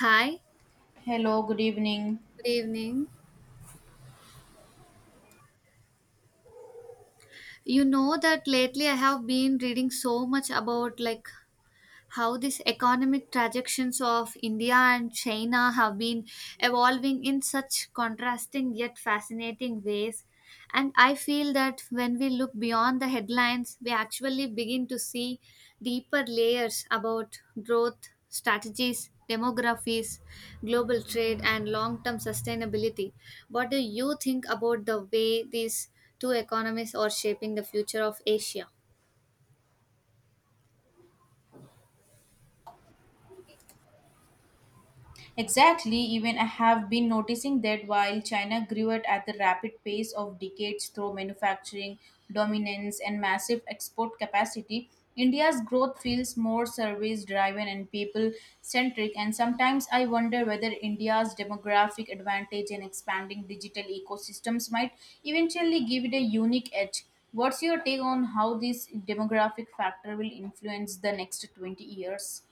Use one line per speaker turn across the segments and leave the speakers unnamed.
Hi,
Hello, good evening.
good evening. You know that lately I have been reading so much about how these economic trajectories of India and China have been evolving in such contrasting yet fascinating ways. And I feel that when we look beyond the headlines, we actually begin to see deeper layers about growth, strategies, demographies, global trade, and long term sustainability. What do you think about the way these two economies are shaping the future of Asia?
Exactly, even I have been noticing that while China grew at the rapid pace of decades through manufacturing dominance and massive export capacity. India's growth feels more service driven and people centric. And sometimes I wonder whether India's demographic advantage and expanding digital ecosystems might eventually give it a unique edge. What's your take on how this demographic factor will influence the next 20 years?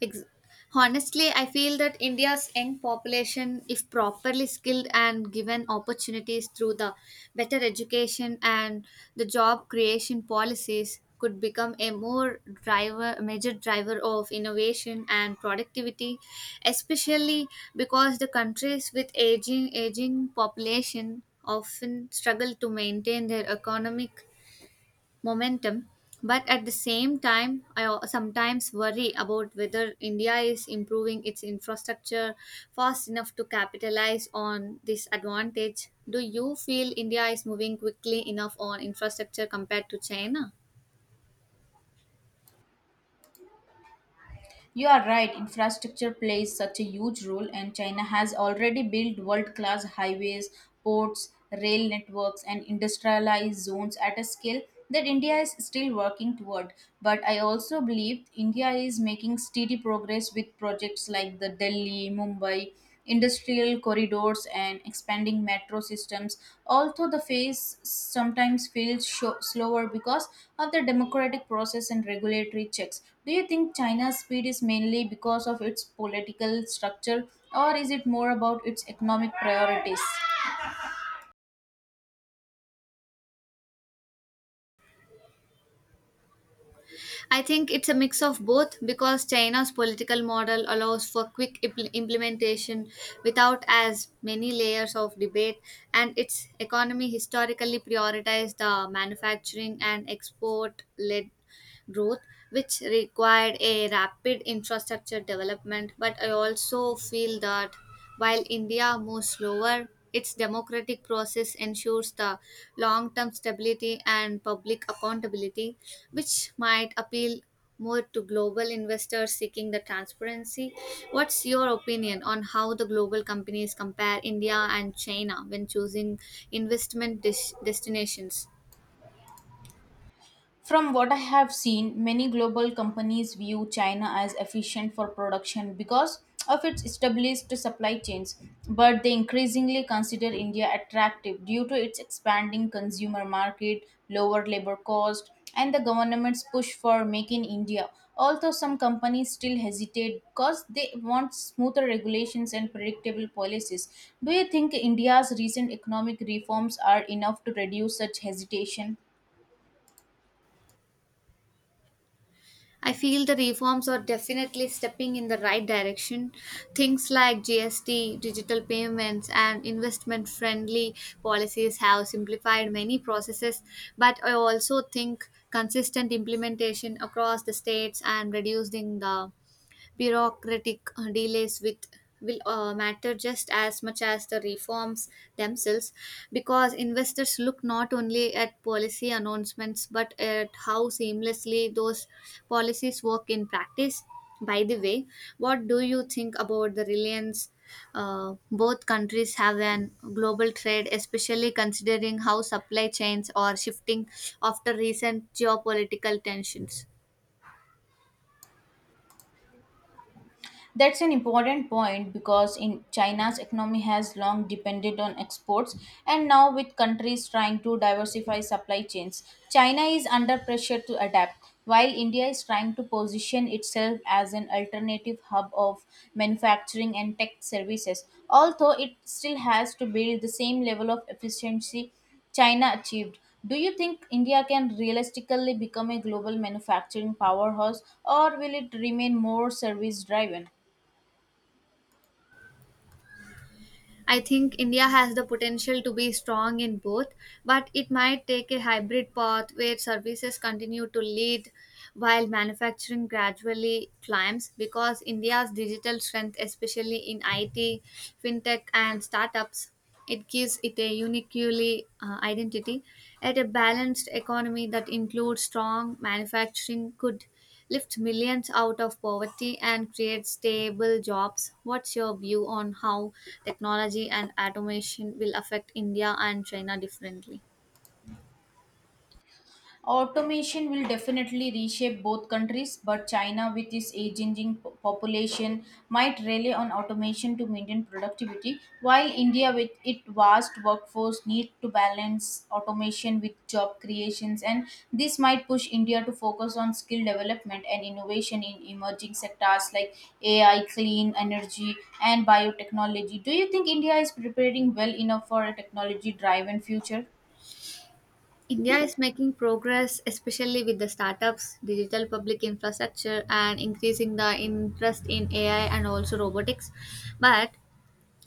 Ex- Honestly, I feel that India's young population, if properly skilled and given opportunities through the better education and the job creation policies, could become major driver of innovation and productivity, especially because the countries with aging population often struggle to maintain their economic momentum. But at the same time, sometimes worry about whether India is improving its infrastructure fast enough to capitalize on this advantage. Do you feel India is moving quickly enough on infrastructure compared to China?
You are right, infrastructure plays such a huge role, and China has already built world class highways, ports, rail networks, and industrialized zones at a scale that India is still working toward. But I also believe India is making steady progress with projects like the Delhi, Mumbai industrial corridors and expanding metro systems, although the pace sometimes feels slower because of the democratic process and regulatory checks. Do you think China's speed is mainly because of its political structure, or is it more about its economic priorities?
I think it's a mix of both because China's political model allows for implementation without as many layers of debate, and its economy historically prioritized the manufacturing and export led growth, which required a rapid infrastructure development. But I also feel that while India moves slower, its democratic process ensures the long term stability and public accountability, which might appeal more to global investors seeking the transparency. What's your opinion on how the global companies compare India and China when choosing destinations?
From what I have seen, many global companies view China as efficient for production because of its established supply chains, but they increasingly consider India attractive due to its expanding consumer market, lower labor cost, and the government's push for Make in India. Although some companies still hesitate because they want smoother regulations and predictable policies. Do you think India's recent economic reforms are enough to reduce such hesitation?
I feel the reforms are definitely stepping in the right direction. Things like GST, digital payments, and investment friendly policies have simplified many processes, but I also think consistent implementation across the states and reducing the bureaucratic delays with will matter just as much as the reforms themselves, because investors look not only at policy announcements but at how seamlessly those policies work in practice. By the way, what do you think about the reliance both countries have an global trade, especially considering how supply chains are shifting after recent geopolitical tensions?
That's an important point because in China's economy has long depended on exports, and now, with countries trying to diversify supply chains, China is under pressure to adapt while India is trying to position itself as an alternative hub of manufacturing and tech services. Although it still has to build the same level of efficiency China achieved. Do you think India can realistically become a global manufacturing powerhouse, or will it remain more service driven?
I think India has the potential to be strong in both, but it might take a hybrid path where services continue to lead while manufacturing gradually climbs because India's digital strength, especially in IT, fintech, and startups, it gives it a uniquely identity. At a balanced economy that includes strong manufacturing could lift millions out of poverty and create stable jobs. What's your view on how technology and automation will affect India and China differently?
Automation will definitely reshape both countries, but China, with its aging population, might rely on automation to maintain productivity, while India, with its vast workforce, need to balance automation with job creations, and this might push India to focus on skill development and innovation in emerging sectors like AI, clean energy, and biotechnology. Do you think India is preparing well enough for a technology-driven future?
India is making progress, especially with the startups, digital public infrastructure, and increasing the interest in AI and also robotics. But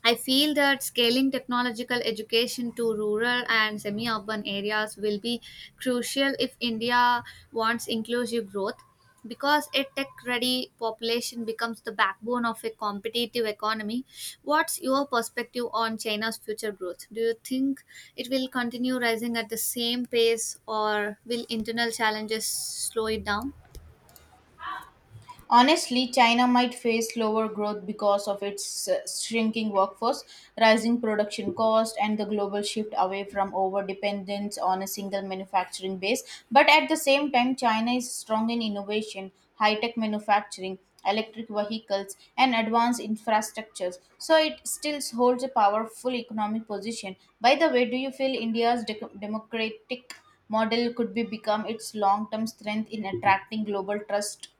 I feel that scaling technological education to rural and semi urban areas will be crucial if India wants inclusive growth because a tech ready population becomes the backbone of a competitive economy. What's your perspective on China's future growth? Do you think it will continue rising at the same pace or will internal challenges slow it down?
Honestly, China might face slower growth because of its shrinking workforce, rising production cost, and the global shift away from over dependence on a single manufacturing base. But at the same time, China is strong in innovation, high tech manufacturing, electric vehicles, and advanced infrastructures. So it still holds a powerful economic position. By the way, do you feel India's democratic model could be become its long term strength in attracting global trust?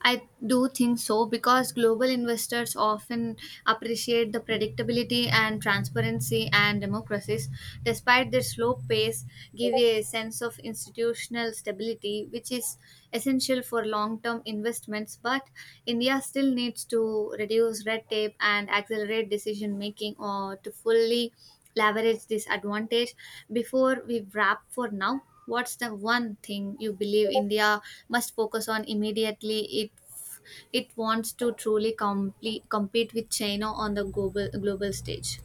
I do think so because global investors often appreciate the predictability and transparency, and democracies, despite their slow pace, give a sense of institutional stability, which is essential for long-term investments. But India still needs to reduce red tape and accelerate decision making or to fully leverage this advantage. Before we wrap for now, what's the one thing you believe India must focus on immediately if it wants to truly compete with China on the global stage?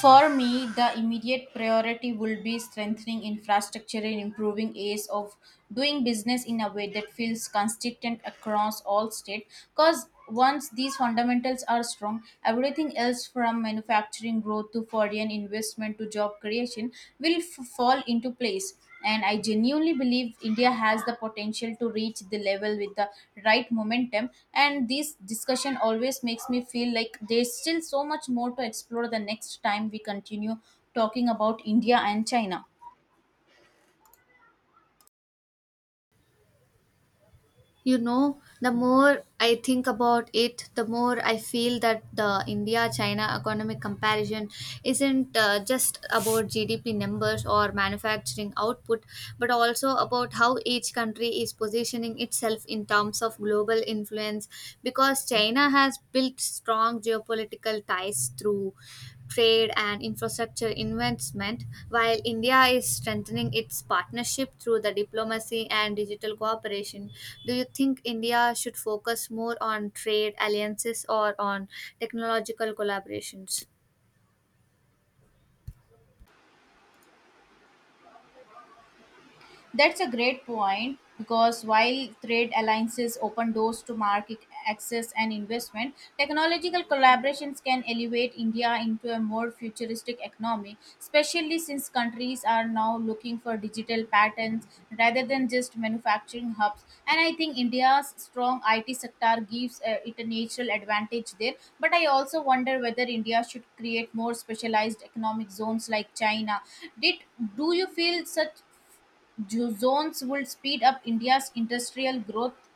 For me, the immediate priority will be strengthening infrastructure and improving ease of doing business in a way that feels consistent across all states. Because once these fundamentals are strong, everything else from manufacturing growth to foreign investment to job creation will fall into place. And I genuinely believe India has the potential to reach the level with the right momentum. And this discussion always makes me feel like there's still so much more to explore the next time we continue talking about India and China.
You know, the more I think about it, the more I feel that the India China economic comparison isn't just about GDP numbers or manufacturing output, but also about how each country is positioning itself in terms of global influence, because China has built strong geopolitical ties through trade, and infrastructure investment, while India is strengthening its partnership through the diplomacy and digital cooperation. Do you think India should focus more on trade alliances or on technological collaborations?
That's a great point because while trade alliances open doors to market access and investment, technological collaborations can elevate India into a more futuristic economy, especially since countries are now looking for digital patterns rather than just manufacturing hubs. And I think India's strong IT sector gives it a natural advantage there. But I also wonder whether India should create more specialized economic zones like China. Did Do you feel such zones would speed up India's industrial growth?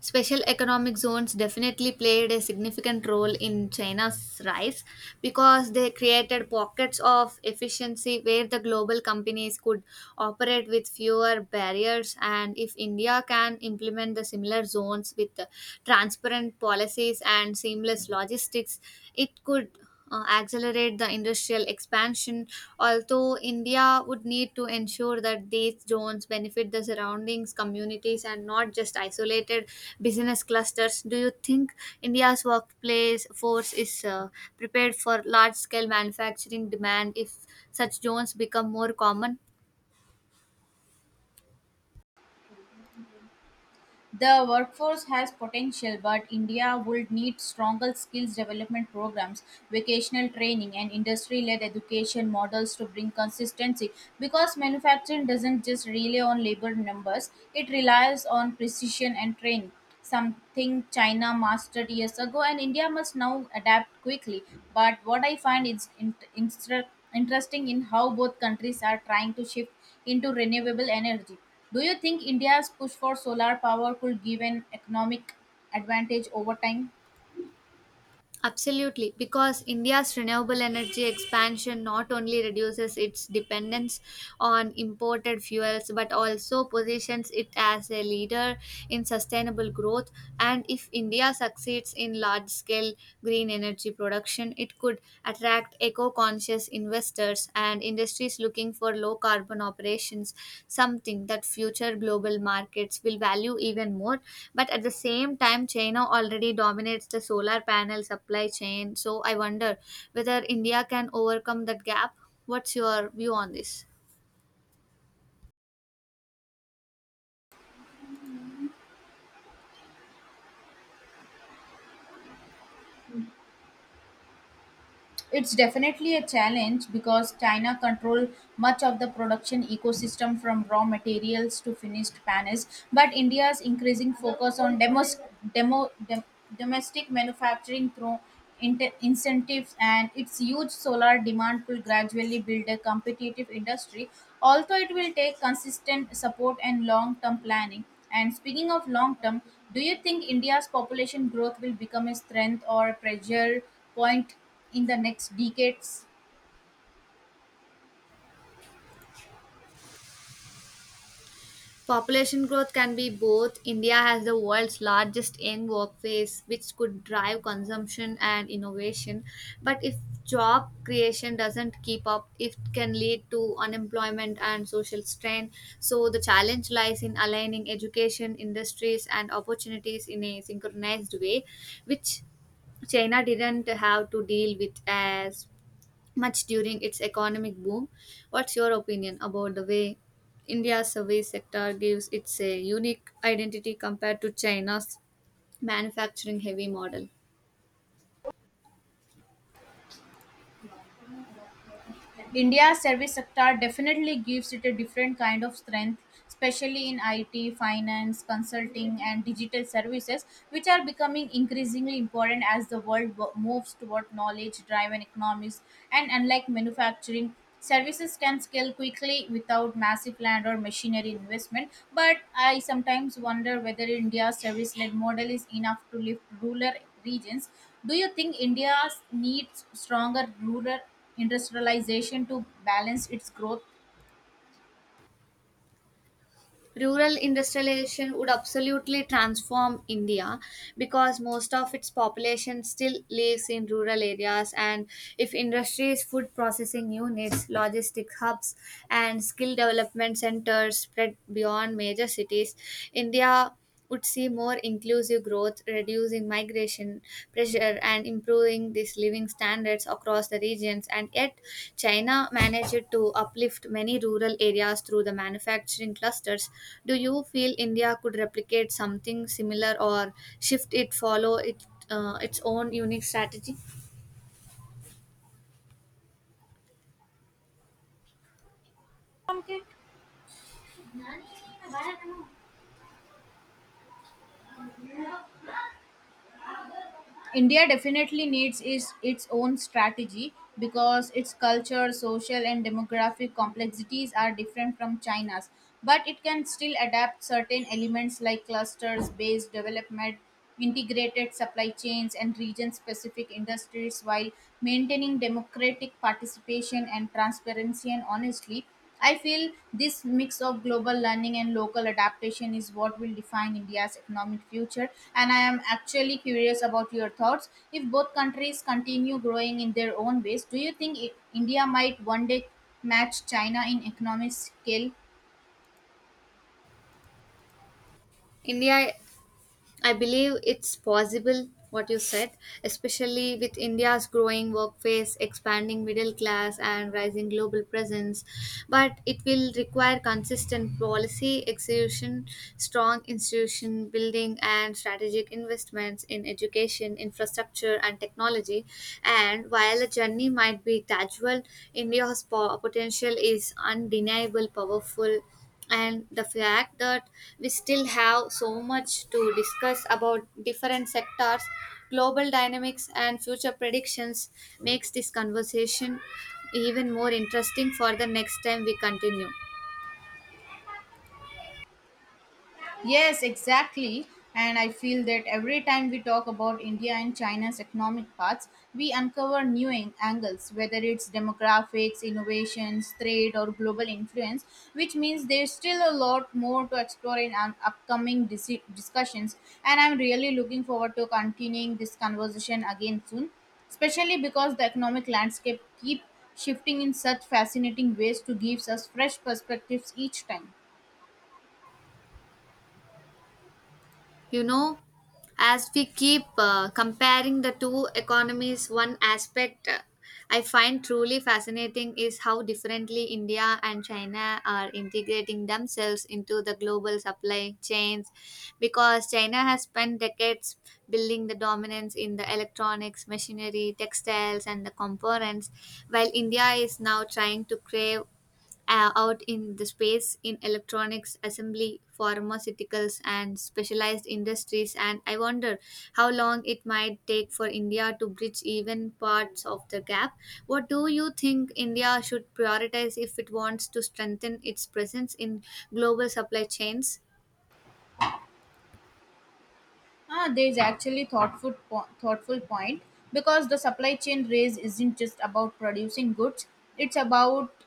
Special economic zones definitely played a significant role in China's rise because they created pockets of efficiency where the global companies could operate with fewer barriers. And if India can implement the similar zones with transparent policies and seamless logistics, it could accelerate the industrial expansion, although India would need to ensure that these zones benefit the surroundings, communities, and not just isolated business clusters. Do you think India's workplace force is prepared for large scale manufacturing demand if such zones become more common?
The workforce has potential, but India would need stronger skills development programs, vocational training, and industry led education models to bring consistency because manufacturing doesn't just rely on labor numbers, it relies on precision and training. Something China mastered years ago, and India must now adapt quickly. But what I find is interesting in how both countries are trying to shift into renewable energy. Do you think India's push for solar power could give an economic advantage over time?
Absolutely, because India's renewable energy expansion not only reduces its dependence on imported fuels but also positions it as a leader in sustainable growth. And if India succeeds in large scale green energy production, it could attract eco-conscious investors and industries looking for low carbon operations, something that future global markets will value even more. But at the same time, China already dominates the solar panel supply chain. So I wonder whether India can overcome that gap. What's your view on this?
It's definitely a challenge because China control much of the production ecosystem from raw materials to finished panels, but India's increasing focus on demo, dom- domestic manufacturing through incentives and its huge solar demand will gradually build a competitive industry, although it will take consistent support and long-term planning. And speaking of long-term, do you think India's population growth will become a strength or pressure point in the next decades?
Population growth can be both. India has the world's largest young workforce, which could drive consumption and innovation. But if job creation doesn't keep up, it can lead to unemployment and social strain. So the challenge lies in aligning education, industries, and opportunities in a synchronized way, which China didn't have to deal with as much during its economic boom. What's your opinion about the way India's service sector gives its a unique identity compared to China's manufacturing heavy model?
India's service sector definitely gives it a different kind of strength, especially in IT, finance, consulting, and digital services, which are becoming increasingly important as the world moves toward knowledge driven economies. And unlike manufacturing, services can scale quickly without massive land or machinery investment. But I sometimes wonder whether India's service led model is enough to lift rural regions. Do you think India needs stronger rural industrialization to balance its growth?
Rural industrialization would absolutely transform India because most of its population still lives in rural areas. And if industries, food processing units, logistic hubs, and skill development centers spread beyond major cities, India would see more inclusive growth, reducing migration pressure, and improving these living standards across the regions. And yet, China managed to uplift many rural areas through the manufacturing clusters. Do you feel India could replicate something similar or shift it, follow it, its own unique strategy?
Okay. India definitely needs is its own strategy because its culture, social, and demographic complexities are different from China's. But it can still adapt certain elements like clusters based development, integrated supply chains, and region specific industries while maintaining democratic participation and transparency. And honestly, I feel this mix of global learning and local adaptation is what will define India's economic future. And I am actually curious about your thoughts. If both countries continue growing in their own ways, do you think India might one day match China in economic scale?
India, I believe it's possible what you said, especially with India's growing workforce, expanding middle class, and rising global presence. But it will require consistent policy execution, strong institution building, and strategic investments in education, infrastructure, and technology. And while the journey might be gradual, India's potential is undeniable, powerful, and the fact that we still have so much to discuss about different sectors, global dynamics and future predictions makes this conversation even more interesting for the next time we continue.
Yes, exactly. And I feel that every time we talk about India and China's economic paths, we uncover new angles, whether it's demographics, innovations, trade, or global influence, which means there's still a lot more to explore in our upcoming discussions. And I'm really looking forward to continuing this conversation again soon, especially because the economic landscape keep shifting in such fascinating ways to gives us fresh perspectives each time.
You know, as we keep comparing the two economies, one aspect I find truly fascinating is how differently India and China are integrating themselves into the global supply chains, because China has spent decades building the dominance in the electronics machinery textiles and the components, while India is now trying to crave out in the space in electronics assembly pharmaceuticals and specialized industries. And I wonder how long it might take for India to bridge even parts of the gap. What do you think India should prioritize if it wants to strengthen its presence in global supply chains?
Ah, there is actually thoughtful point because the supply chain race isn't just about producing goods; it's about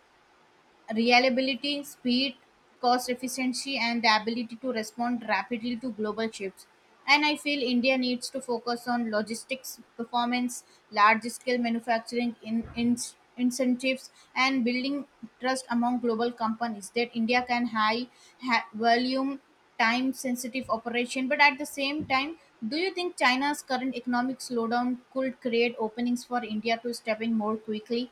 reliability, speed, cost efficiency, and the ability to respond rapidly to global shifts. And I feel India needs to focus on logistics performance, large scale manufacturing in incentives, and building trust among global companies that India can high volume time sensitive operation. But at the same time, do you think China's current economic slowdown could create openings for India to step in more quickly?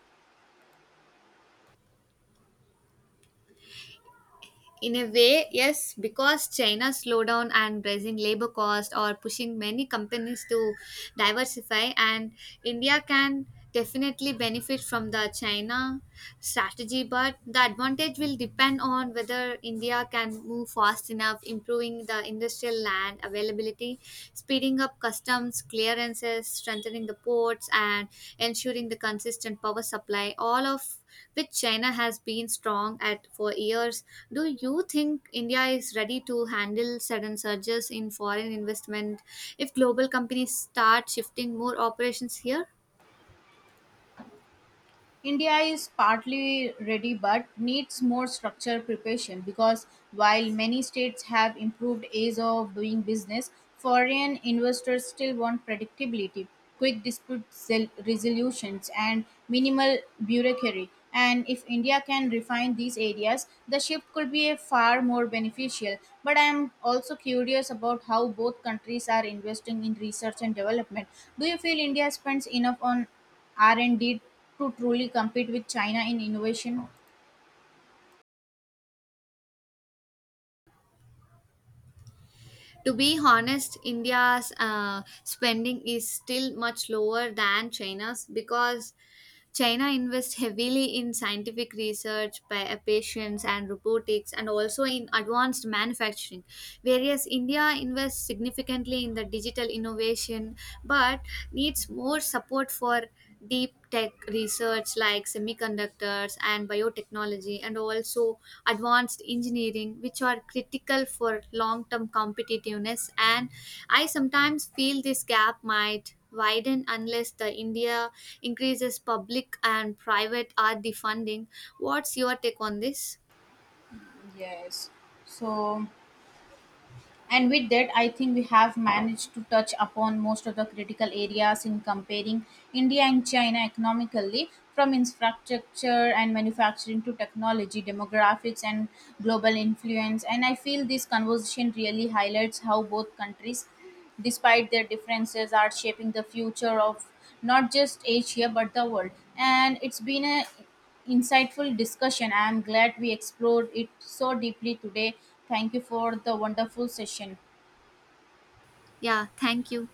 In a way, yes, because China's slowdown and rising labor costs are pushing many companies to diversify, and India can definitely benefit from the China strategy. But the advantage will depend on whether India can move fast enough, improving the industrial land availability security, speeding up customs clearances, strengthening the ports, and ensuring the consistent power supply, all of which China has been strong at for years. Do you think India is ready to handle sudden surges in foreign investment if global companies start shifting more operations here?
India is partly ready but needs more structured preparation because while many states have improved ways of doing business, foreign investors still want predictability, quick dispute resolutions, and minimal bureaucracy. And if India can refine these areas, the shift could be a far more beneficial. But I am also curious about how both countries are investing in research and development. Do you feel India spends enough on R&D to truly compete with China in innovation?
To be honest, India's spending is still much lower than China's, because China invests heavily in scientific research, patients and robotics, and also in advanced manufacturing, whereas India invests significantly in the digital innovation, but needs more support for deep tech research like semiconductors and biotechnology, and also advanced engineering, which are critical for long term competitiveness. And I sometimes feel this gap might widen unless the India increases public and private R&D funding. What's your take on this?
Yes. So, and with that, I think we have managed to touch upon most of the critical areas in comparing India and China economically, from infrastructure and manufacturing to technology, demographics, and global influence. And I feel this conversation really highlights how both countries, despite their differences, are shaping the future of not just Asia but the world. And it's been a insightful discussion. I am glad we explored it so deeply today. Thank you for the wonderful session.
Yeah, thank you.